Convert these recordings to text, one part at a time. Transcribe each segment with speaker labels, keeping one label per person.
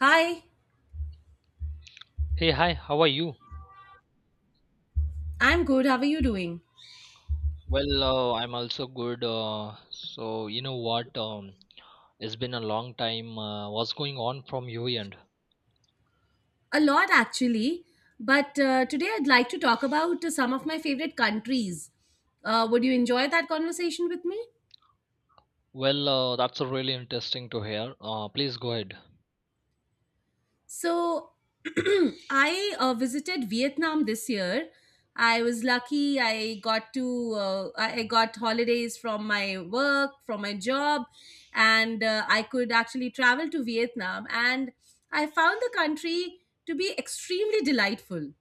Speaker 1: Hi,
Speaker 2: Hey, hi, how are you?
Speaker 1: I'm good. How are you doing?
Speaker 2: Well, I'm also good. So, you know what? It's been a long time. What's going on from your end?
Speaker 1: A lot actually, but today I'd like to talk about some of my favorite countries. Would you enjoy that conversation with me?
Speaker 2: Well, that's really interesting to hear. Please go ahead.
Speaker 1: So, I visited Vietnam this year. I was lucky. I got to I got holidays from my work, from my job, and I could actually travel to Vietnam. And I found the country to be extremely delightful.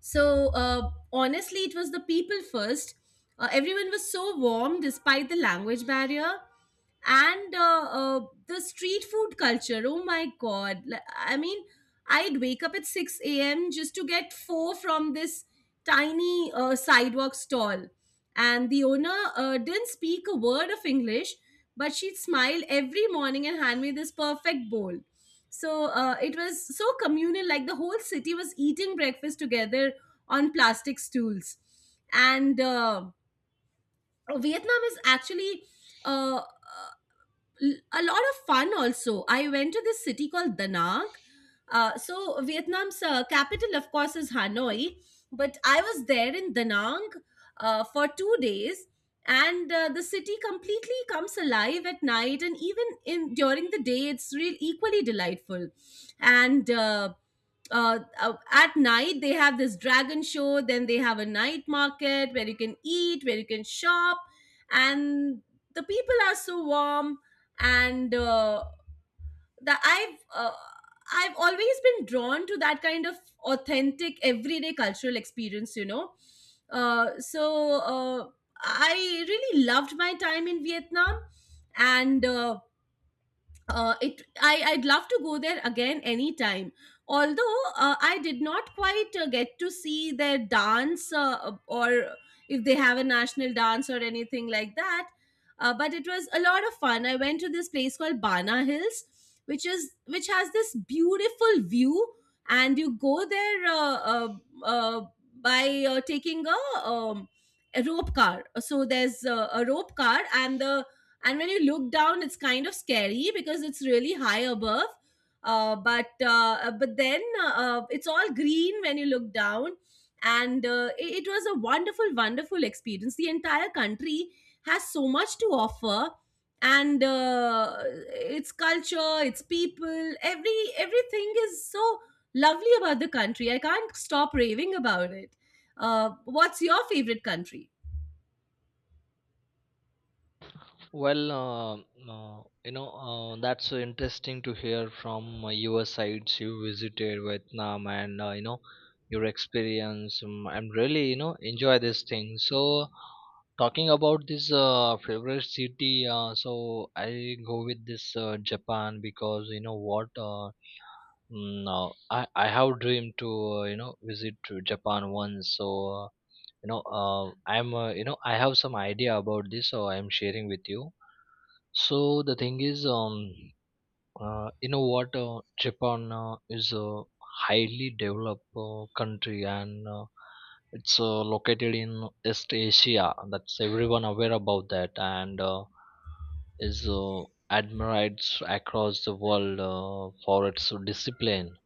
Speaker 1: So honestly, it was the people first. Everyone was so warm despite the language barrier, and the street food culture. Oh my god! I mean, I'd wake up at six a.m. just to get four from this tiny sidewalk stall, and the owner didn't speak a word of English, but she'd smile every morning and hand me this perfect bowl. So it was so communal, like the whole city was eating breakfast together on plastic stools. And Vietnam is actually uh, uh, a lot of fun also. I went to this city called Da Nang. So Vietnam's capital, of course, is Hanoi, but I was there in Da Nang for 2 days, and the city completely comes alive at night, and even in during the day, it's real equally delightful. And at night they have this dragon show, then they have a night market where you can eat, where you can shop, and the people are so warm. And that I've always been drawn to that kind of authentic everyday cultural experience. Uh, so uh, I really loved my time in Vietnam, and I'd love to go there again anytime. Although I did not quite get to see their dance, or if they have a national dance or anything like that. Uh, but it was a lot of fun. I went to this place called Bana Hills, which has this beautiful view, and you go there uh, by taking a rope car. So there's a rope car, and the and when you look down it's kind of scary because it's really high above. But then It's all green when you look down, and it was a wonderful, wonderful experience. The entire country has so much to offer, and its culture, its people, everything is so lovely about the country. I can't stop raving about it. Uh, what's your favorite country?
Speaker 2: Well, you know, that's so interesting to hear from your sides. You visited Vietnam and, you know, your experience. I'm really, you know, enjoy this thing. So, talking about this favorite city, so I go with this Japan because, you know, what, I have dreamed to, you know, visit to Japan once. So, you know, I'm, you know, I have some idea about this, so I'm sharing with you. So the thing is, you know what? Japan is a highly developed country, and it's located in East Asia. That's everyone aware about that, and is admired across the world for its discipline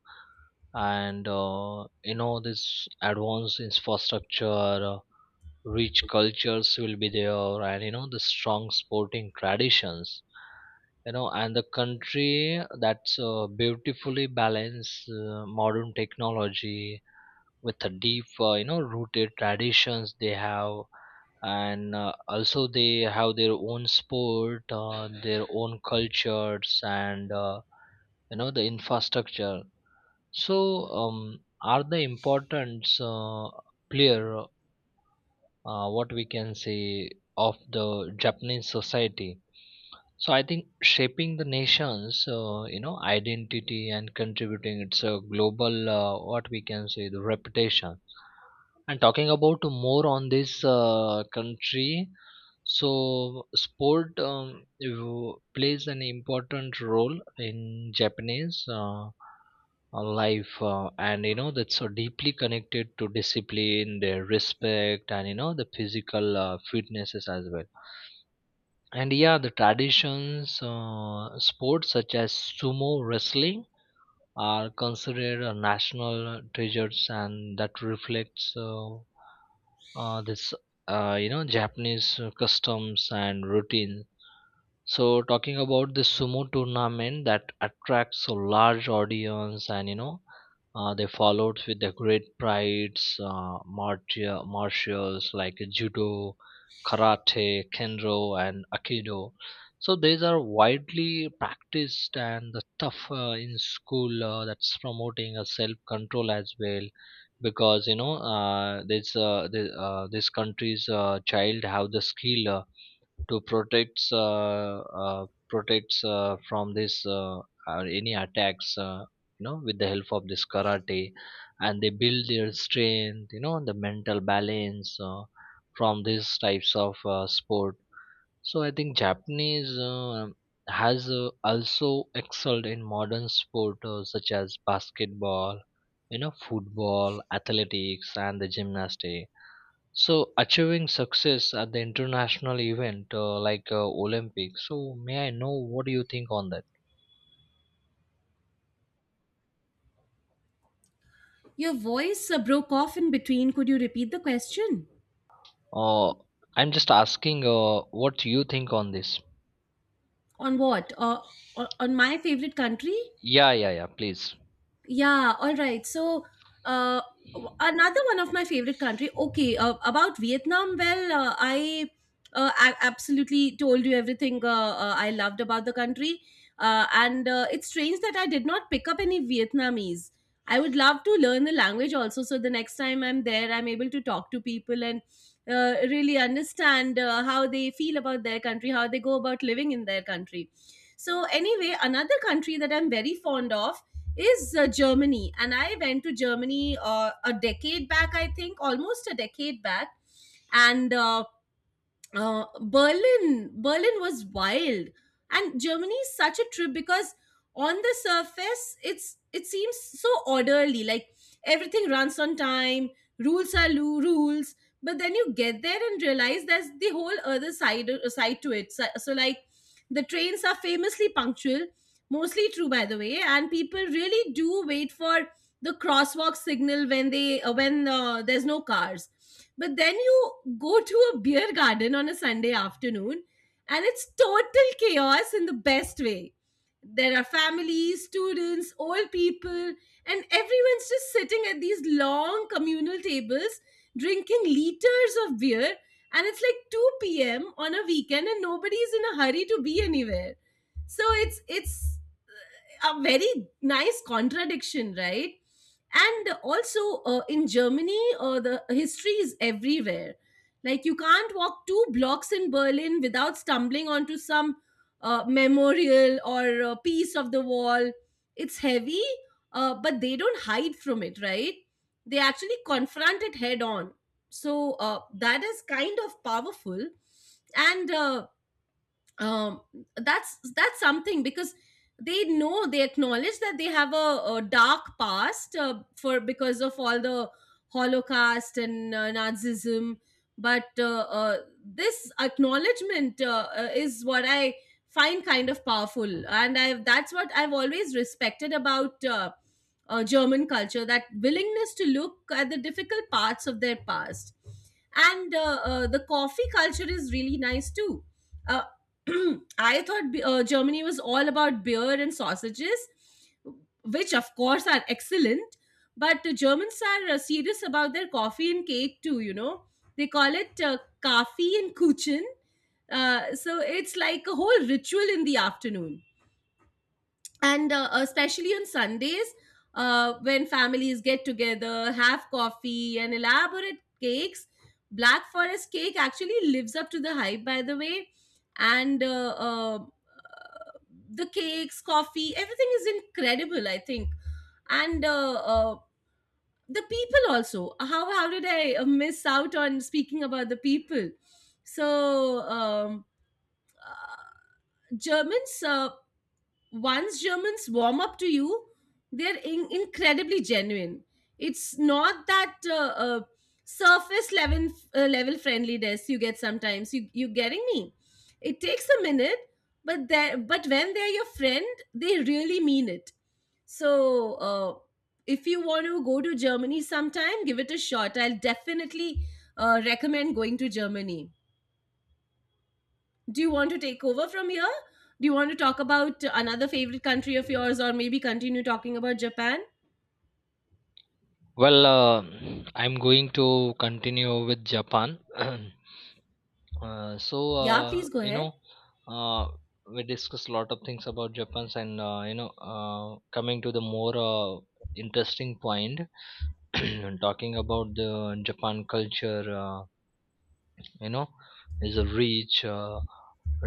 Speaker 2: and you know this advanced infrastructure, rich cultures will be there, and you know the strong sporting traditions, you know, and the country that's beautifully balanced modern technology with a deep, you know, rooted traditions they have, and also they have their own sport, their own cultures, and you know the infrastructure. So, are the importance player, what we can say, of the Japanese society? So, I think shaping the nation's, you know, identity and contributing its global, what we can say, the reputation. And talking about more on this country, so sport plays an important role in Japanese. Life, and you know that's so deeply connected to discipline, their respect, and you know the physical fitnesses as well. And yeah, the traditions, sports such as sumo wrestling are considered national treasures, and that reflects this, you know, Japanese customs and routines. So talking about the sumo tournament that attracts a large audience, and you know they followed with the great prides, martials like judo, karate, kendo, and aikido. So these are widely practiced, and the tough in school, that's promoting a self control as well, because you know this country's child have the skill. To protects uh, protects from this, or any attacks, you know, with the help of this karate, and they build their strength, you know, the mental balance, from these types of sport. So I think Japanese has also excelled in modern sport, such as basketball, you know, football, athletics, and the gymnastics. So, achieving success at the international event, like Olympics. So, may I know what do you think on that?
Speaker 1: Your voice broke off in between. Could you repeat the question?
Speaker 2: Uh, I'm just asking what you think on this.
Speaker 1: On what? On my favorite country?
Speaker 2: Yeah, yeah, yeah. Please.
Speaker 1: Yeah, all right. So, uh, another one of my favorite country. Okay, about Vietnam. I absolutely told you everything I loved about the country, and it's strange that I did not pick up any Vietnamese. I would love to learn the language also, so the next time I'm there, I'm able to talk to people and really understand how they feel about their country, how they go about living in their country. So, anyway, another country that I'm very fond of is Germany. And I went to Germany a decade back, I think, almost a decade back. And Berlin. Berlin was wild, and Germany is such a trip because on the surface, it seems so orderly, like everything runs on time, rules are rules. But then you get there and realize there's the whole other side to it. So like, the trains are famously punctual, mostly true by the way, and people really do wait for the crosswalk signal when they when there's no cars. But then you go to a beer garden on a Sunday afternoon and it's total chaos in the best way. There are families, students, old people, and everyone's just sitting at these long communal tables drinking liters of beer. And it's like 2 p.m. on a weekend and nobody's in a hurry to be anywhere. So it's a very nice contradiction, right? And also in Germany, the history is everywhere. Like you can't walk two blocks in Berlin without stumbling onto some memorial or a piece of the wall. It's heavy, but they don't hide from it, right? They actually confront it head on. So that is kind of powerful. And um that's something because they know, they acknowledge that they have a dark past for because of all the holocaust and nazism, but this acknowledgement is what I find kind of powerful, and I that's what I've always respected about German culture, that willingness to look at the difficult parts of their past. And the coffee culture is really nice too. Uh, I thought Germany was all about beer and sausages, which of course are excellent, but the Germans are serious about their coffee and cake too, you know. They call it Kaffee and Kuchen. So it's like a whole ritual in the afternoon, and especially on Sundays, when families get together, have coffee and elaborate cakes. Black forest cake actually lives up to the hype, by the way. And the cakes, coffee, everything is incredible, I think. And the people also. How how did I miss out on speaking about the people? So uh, germans once Germans warm up to you, they're incredibly genuine. It's not that uh, surface level, level friendliness you get sometimes. You getting me? It takes a minute, but there but when they're your friend, they really mean it. So if you want to go to Germany sometime, give it a shot. I'll definitely recommend going to Germany. Do you want to take over from here? Do you want to talk about another favorite country of yours, or maybe continue talking about Japan?
Speaker 2: Well, I'm going to continue with Japan.
Speaker 1: Yeah, please go
Speaker 2: You
Speaker 1: ahead.
Speaker 2: know, uh, we discussed a lot of things about Japan's, and you know, coming to the more interesting point, talking about the Japan culture. You know, is a rich,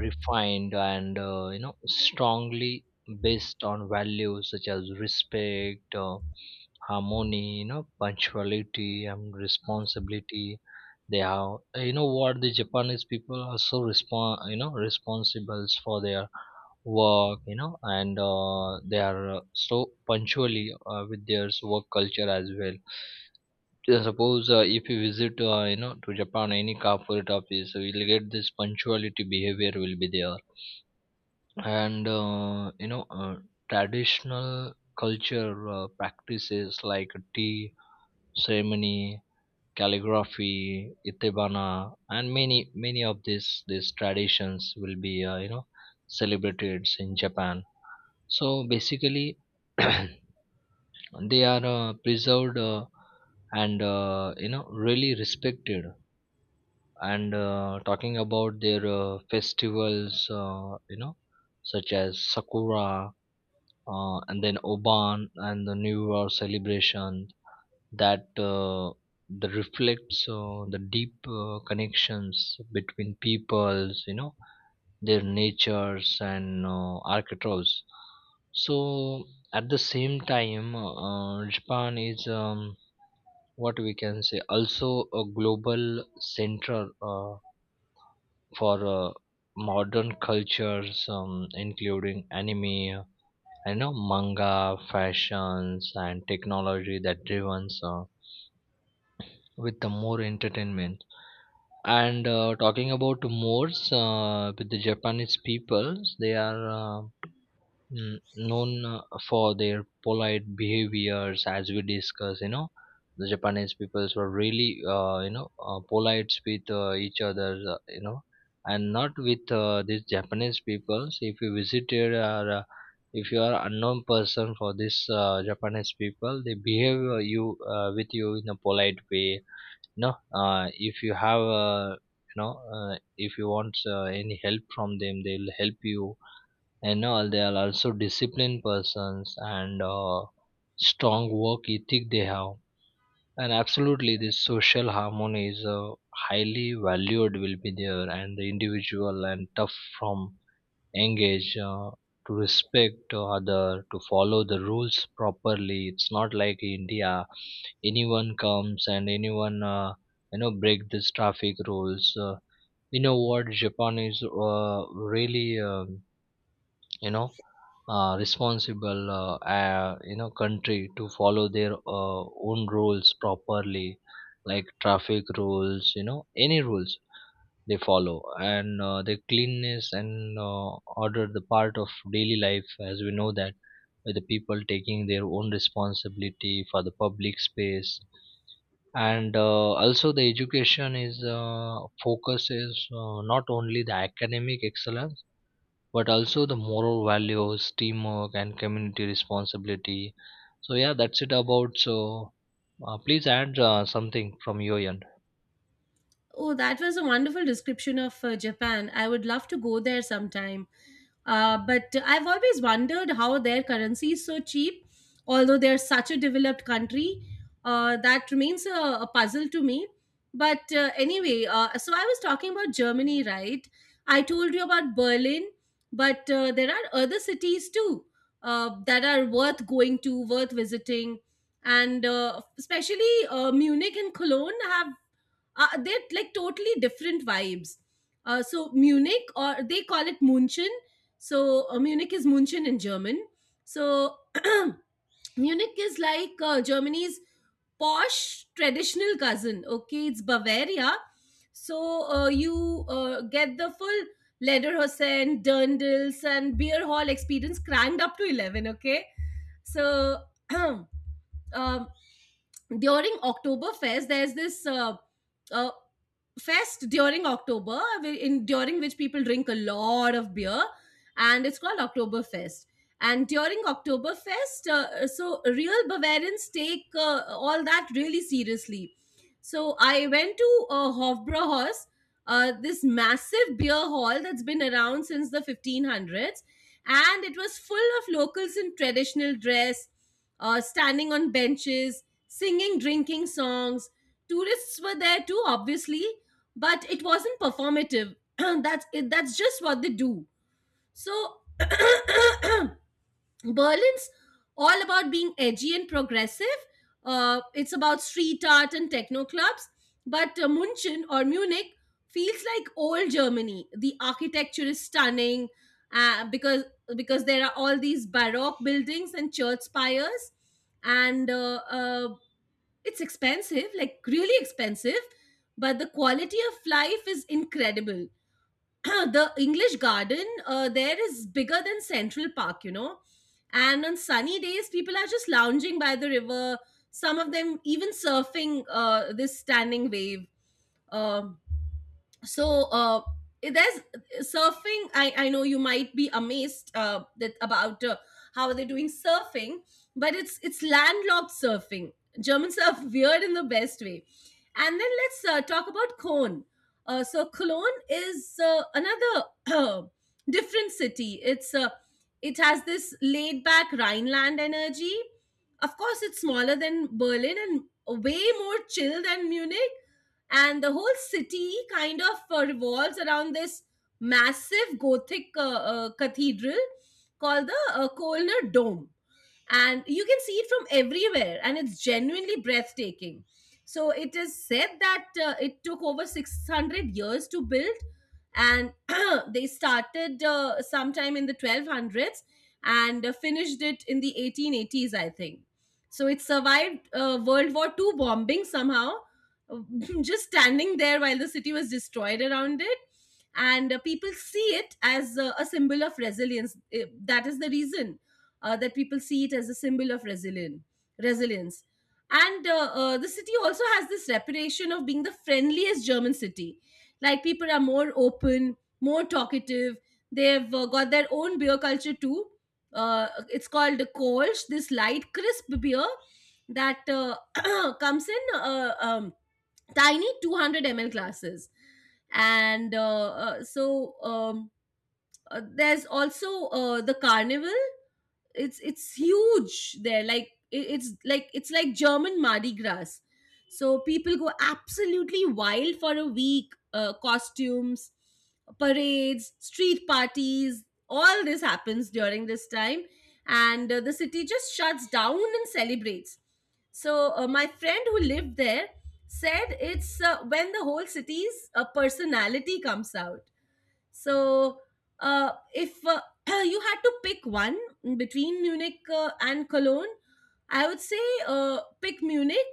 Speaker 2: refined, and you know, strongly based on values such as respect, harmony, you know, punctuality, and responsibility. They are, you know what, the Japanese people are so respon you know, responsible for their work, you know, and they are so punctually with their work culture as well. Yeah, suppose if you visit, you know, to Japan, any corporate office, you will get this punctuality behavior will be there. And you know, traditional culture practices like tea ceremony, calligraphy, itebana, and many of these traditions will be, you know, celebrated in Japan. So basically, they are preserved, and you know, really respected. And talking about their festivals, you know, such as sakura, and then oban and the new year celebration, that uh, that reflects the deep connections between peoples, you know their natures, and archetypes. So at the same time, Japan is, what we can say, also a global center for modern cultures, including anime, you know, manga, fashions, and technology that driven with the more entertainment. And talking about more with the Japanese peoples, they are. Known for their polite behaviors, as we discuss, you know the Japanese peoples were really, you know, polite with each other, you know, and not with these Japanese peoples, if you visited, or if you are unknown person for this, Japanese people, they behave you, with you in a polite way. No, if you have, you know, if you want any help from them, they'll help you, and all they are also disciplined persons, and strong work ethic they have, and absolutely this social harmony is highly valued will be there, and the individual and tough from engage to respect other, to follow the rules properly. It's not like India, anyone comes and anyone, you know, break this traffic rules, you know what, Japan is really, you know, responsible, you know, country to follow their uh, own rules properly, like traffic rules, you know, any rules they follow. And the cleanness and order, the part of daily life, as we know that, with the people taking their own responsibility for the public space. And also the education is focuses, not only the academic excellence but also the moral values, teamwork, and community responsibility. So yeah, that's it about. So please add something from your end.
Speaker 1: Oh, that was a wonderful description of Japan. I would love to go there sometime. But I've always wondered how their currency is so cheap, although they're such a developed country. That remains a puzzle to me. But anyway, so I was talking about Germany, right? I told you about Berlin, but there are other cities too that are worth going to, worth visiting. And especially Munich and Cologne have they're like totally different vibes. So Munich, or they call it München. So Munich is München in German. So Munich is like Germany's posh traditional cousin. Okay, it's Bavaria. So you get the full Lederhosen, dirndls, and beer hall experience cranked up to 11. Okay. So um, during Oktoberfest, there's this uh, fest during October, in during which people drink a lot of beer, and it's called Oktoberfest. And during Oktoberfest, so real Bavarians take all that really seriously. So I went to Hofbrauhaus, this massive beer hall that's been around since the 1500s, and it was full of locals in traditional dress, standing on benches, singing, drinking songs. Tourists were there too, obviously, but it wasn't performative. That's it, that's just what they do. So Berlin's all about being edgy and progressive. Uh, it's about street art and techno clubs, but munchen or Munich, feels like old Germany. The architecture is stunning uh, because because there are all these baroque buildings and church spires, and it's expensive, like really expensive, but the quality of life is incredible. The English garden there is bigger than Central Park, you know. And on sunny days, people are just lounging by the river. Some of them even surfing this standing wave. Um so uh there's surfing. I know you might be amazed that about how they're doing surfing, but it's landlocked surfing. Germans are weird in the best way. And then let's talk about cologne. So cologne is another different city. It has this laid back rhineland energy. Of course it's smaller than Berlin and way more chill than Munich. And the whole city kind of revolves around this massive gothic cathedral called the Kölner Dome. And you can see it from everywhere, and it's genuinely breathtaking. So it is said that it took over 600 years to build, and they started sometime in the 1200s and finished it in the 1880s, I think. So it survived World War II bombing somehow, just standing there while the city was destroyed around it. And people see it as a symbol of resilience. That is the reason that people see it as a symbol of resilient resilience. And the city also has this reputation of being the friendliest German city. Like people are more open, more talkative. They've got their own beer culture too. It's called Kolsch, this light, crisp beer that comes in tiny 200 mL glasses. And so There's also the carnival. It's huge there. It's it's like German Mardi Gras. So people go absolutely wild for a week. Costumes, parades, street parties. All this happens during this time, and the city just shuts down and celebrates. So my friend who lived there said it's when the whole city's personality comes out. So, if you had to pick one between Munich and Cologne, I would say pick Munich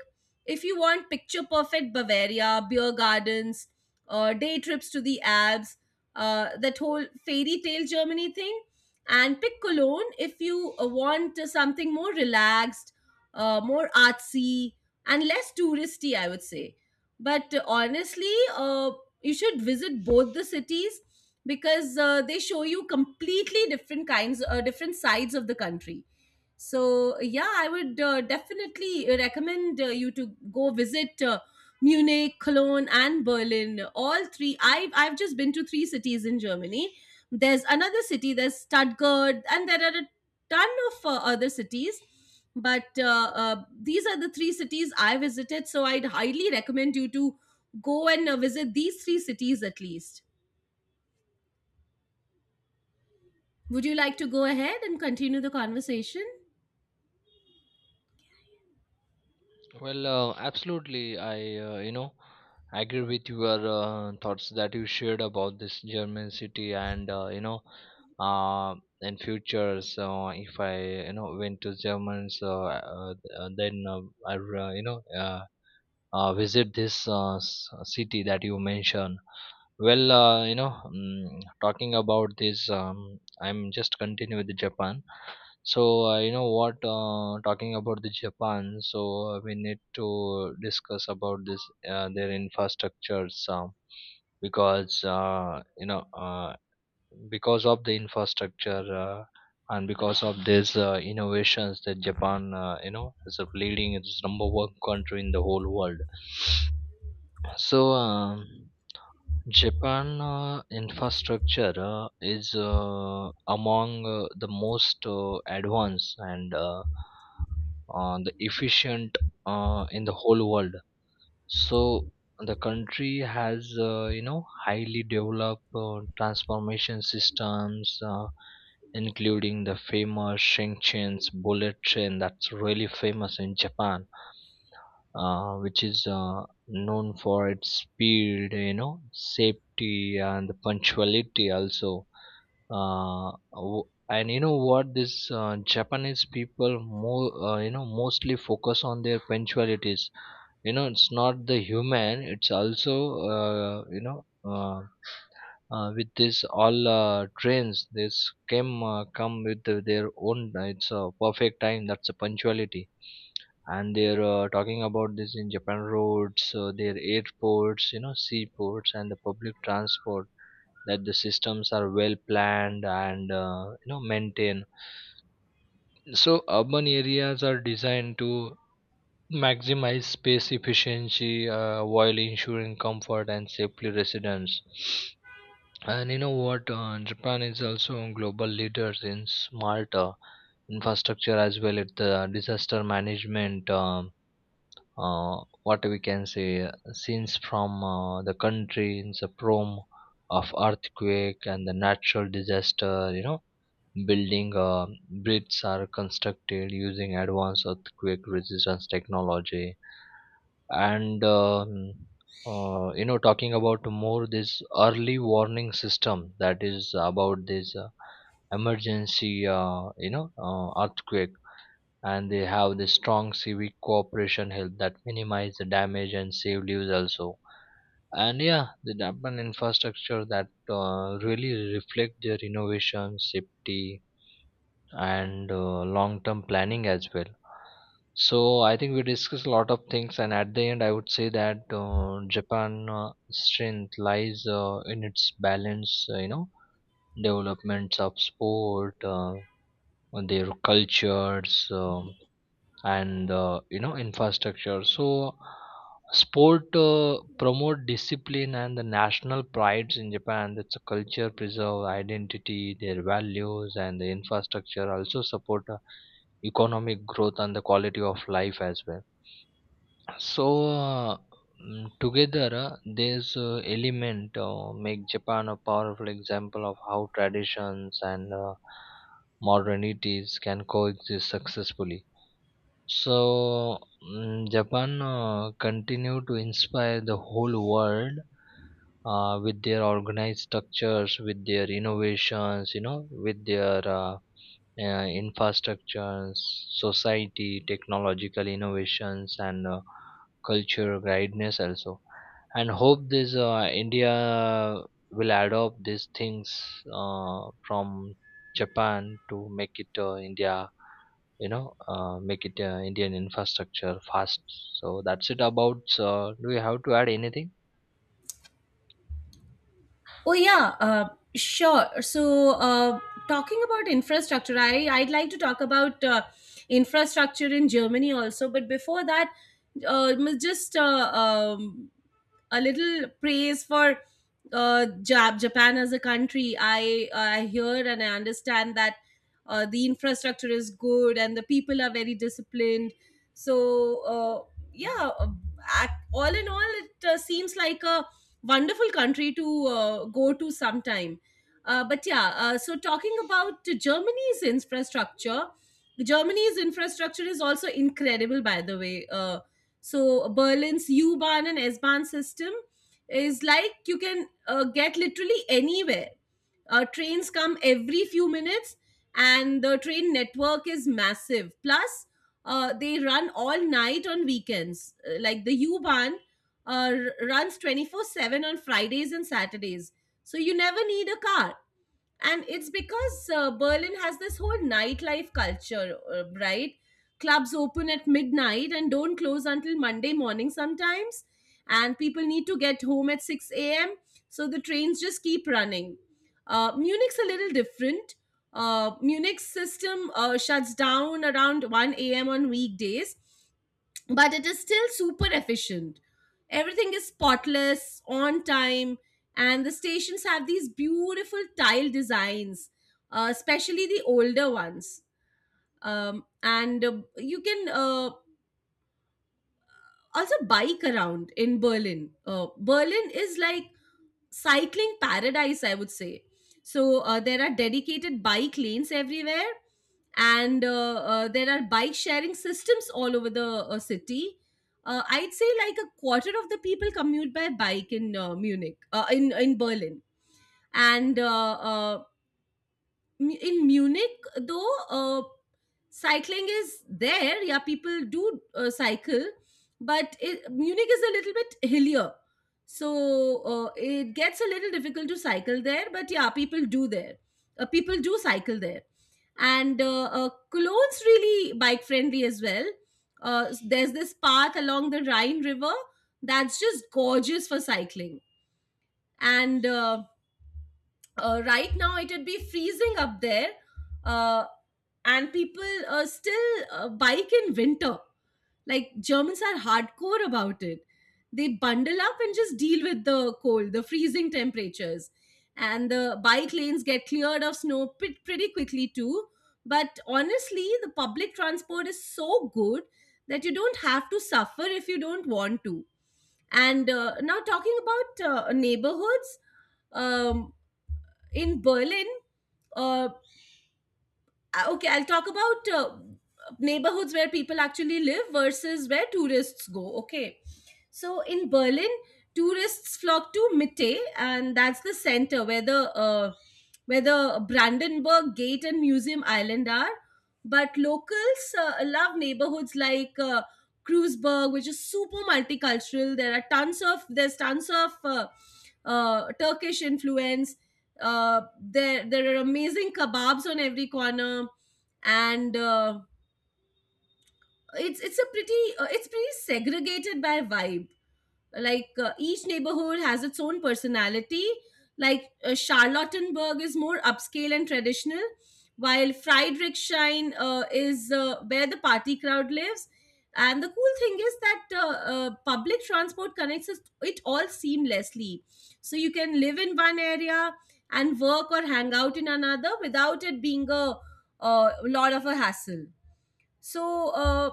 Speaker 1: if you want picture perfect Bavaria, beer gardens, day trips to the Alps, that whole fairy tale Germany thing. And pick Cologne if you want something more relaxed, more artsy, and less touristy, I would say. But honestly, you should visit both the cities, because they show you completely different kinds different sides of the country. So yeah, I would definitely recommend you to go visit Munich, Cologne, and Berlin. All three. I've just been to three cities in Germany. There's another city. There's Stuttgart, and there are a ton of other cities. But these are the three cities I visited. So I'd highly recommend you to go and visit these three cities at least. Would you like to go ahead and continue the conversation?
Speaker 2: Well, absolutely. I, you know, agree with your thoughts that you shared about this German city, and, you know, in future. So if I, you know, went to Germany, so then you know, visit this city that you mentioned. Well, you know, talking about this, I'm just continue with the Japan. So you know what? Talking about the Japan, so we need to discuss about this their infrastructures, because you know, because of the infrastructure and because of these innovations that Japan, you know, is a leading, it's number one country in the whole world. So. Japan infrastructure is among the most advanced and the efficient in the whole world. So the country has, you know, highly developed transformation systems, including the famous Shinkansen bullet train that's really famous in Japan, which is known for its speed, you know, safety, and the punctuality also. And you know what? This Japanese people more, you know, mostly focus on their punctualities. You know, it's not the human; it's also, you know. With this all trains this came come with their own, it's a perfect time, that's a punctuality. And they're talking about this, in Japan roads, their airports, you know, seaports, and the public transport, that the systems are well planned and you know, maintained. So urban areas are designed to maximize space efficiency while ensuring comfort and safely residents. And you know what? Japan is also a global leaders in smart infrastructure as well as the disaster management. What we can say, scenes from the countries, the prom of earthquake and the natural disaster, you know, building bridges are constructed using advanced earthquake resistance technology. And you know, talking about more this early warning system that is about this emergency, you know, earthquake, and they have this strong civic cooperation help that minimize the damage and save lives also. And yeah, the development infrastructure that really reflect their innovation, safety, and long term planning as well. So I think we discussed a lot of things, and at the end, I would say that Japan strength lies in its balance, you know, developments of sport, their cultures, and you know, infrastructure. So sport promote discipline and the national prides in Japan, that's a culture preserve identity, their values, and the infrastructure also support economic growth and the quality of life as well. So together, this element make Japan a powerful example of how traditions and modernities can coexist successfully. So, Japan continue to inspire the whole world with their organized structures, with their innovations, you know, with their infrastructure, society, technological innovations, and cultural guidance also. And hope this India will adopt these things from Japan to make it, India, you know, make it, Indian infrastructure fast. So that's it about. Do you have to add anything?
Speaker 1: Oh yeah, sure. So talking about infrastructure, I'd like to talk about infrastructure in Germany also. But before that, just a little praise for Japan as a country. I hear and I understand that the infrastructure is good and the people are very disciplined. So uh, yeah, all in all, it seems like a wonderful country to go to sometime. But yeah, so talking about Germany's infrastructure is also incredible, by the way. So Berlin's U-Bahn and S-Bahn system is like you can get literally anywhere. Trains come every few minutes, and the train network is massive. Plus, they run all night on weekends. Like the U-Bahn uh, runs 24/7 on Fridays and Saturdays. So you never need a car. And it's because Berlin has this whole nightlife culture, right? Clubs open at midnight and don't close until Monday morning sometimes. And people need to get home at 6 a.m. So the trains just keep running. Munich's a little different. Munich's system shuts down around 1 a.m. on weekdays, but it is still super efficient. Everything is spotless, on time, and the stations have these beautiful tile designs, especially the older ones. And you can also bike around in Berlin. Berlin is like cycling paradise, I would say. So there are dedicated bike lanes everywhere, and there are bike sharing systems all over the city. I'd say like a quarter of the people commute by bike in in Berlin, and in Munich though. Cycling is there, yeah, people do cycle, but Munich is a little bit hillier, so it gets a little difficult to cycle there, but yeah, people do cycle there. And cologne's really bike friendly as well. There's this path along the Rhine river that's just gorgeous for cycling. And right now it'd be freezing up there. uh, and people still bike in winter. Like Germans are hardcore about it. They bundle up and just deal with the cold, the freezing temperatures. And the bike lanes get cleared of snow pretty quickly too. But honestly, the public transport is so good that you don't have to suffer if you don't want to. And now talking about neighborhoods um, in Berlin, uh, okay, I'll talk about neighborhoods where people actually live versus where tourists go. Okay, so in Berlin, tourists flock to Mitte, and that's the center where the Brandenburg Gate and Museum Island are. But locals love neighborhoods like Kreuzberg, which is super multicultural. There's tons of Turkish influence. There are amazing kebabs on every corner, and it's pretty segregated by vibe. Like each neighborhood has its own personality. Like Charlottenburg is more upscale and traditional, while Friedrichshain is where the party crowd lives. And the cool thing is that public transport connects it all seamlessly. So you can live in one area and work or hang out in another without it being a lot of a hassle. So,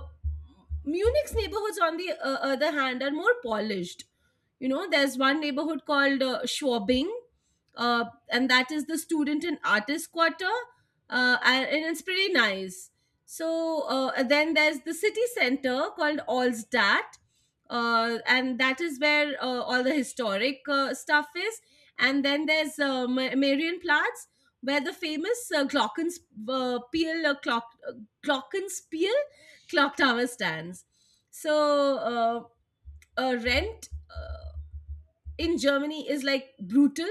Speaker 1: Munich's neighborhoods, on the other hand, are more polished. You know, there's one neighborhood called Schwabing, uh, and that is the student and artist quarter, and it's pretty nice. So, and then there's the city center called Allsdat, and that is where all the historic stuff is. And then there's Marienplatz, where the famous Glockenspiel Glockenspiel clock tower stands. So rent in Germany is like brutal.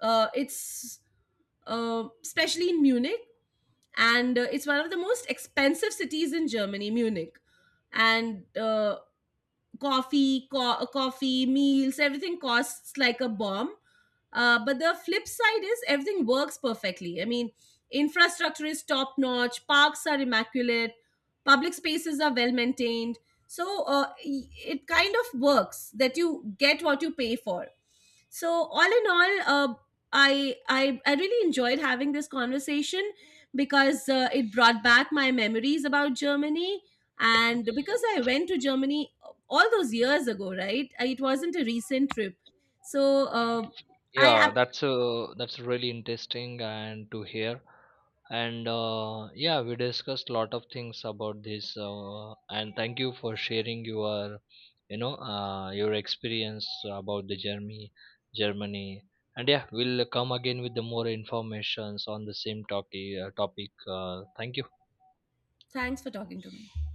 Speaker 1: It's Especially in Munich, and it's one of the most expensive cities in Germany, Munich. And coffee, meals, everything costs like a bomb. But the flip side is everything works perfectly. I mean, infrastructure is top notch, parks are immaculate, public spaces are well maintained. So it kind of works that you get what you pay for. So all in all, I really enjoyed having this conversation, because it brought back my memories about Germany, and because I went to Germany all those years ago, right? It wasn't a recent trip. So uh, I ab-
Speaker 2: Yeah, that's really interesting and to hear. And yeah, we discussed a lot of things about this. And thank you for sharing your, you know, your experience about the Germany, Germany. And yeah, we'll come again with the more informations on the same topic. Thank you.
Speaker 1: Thanks for talking to me.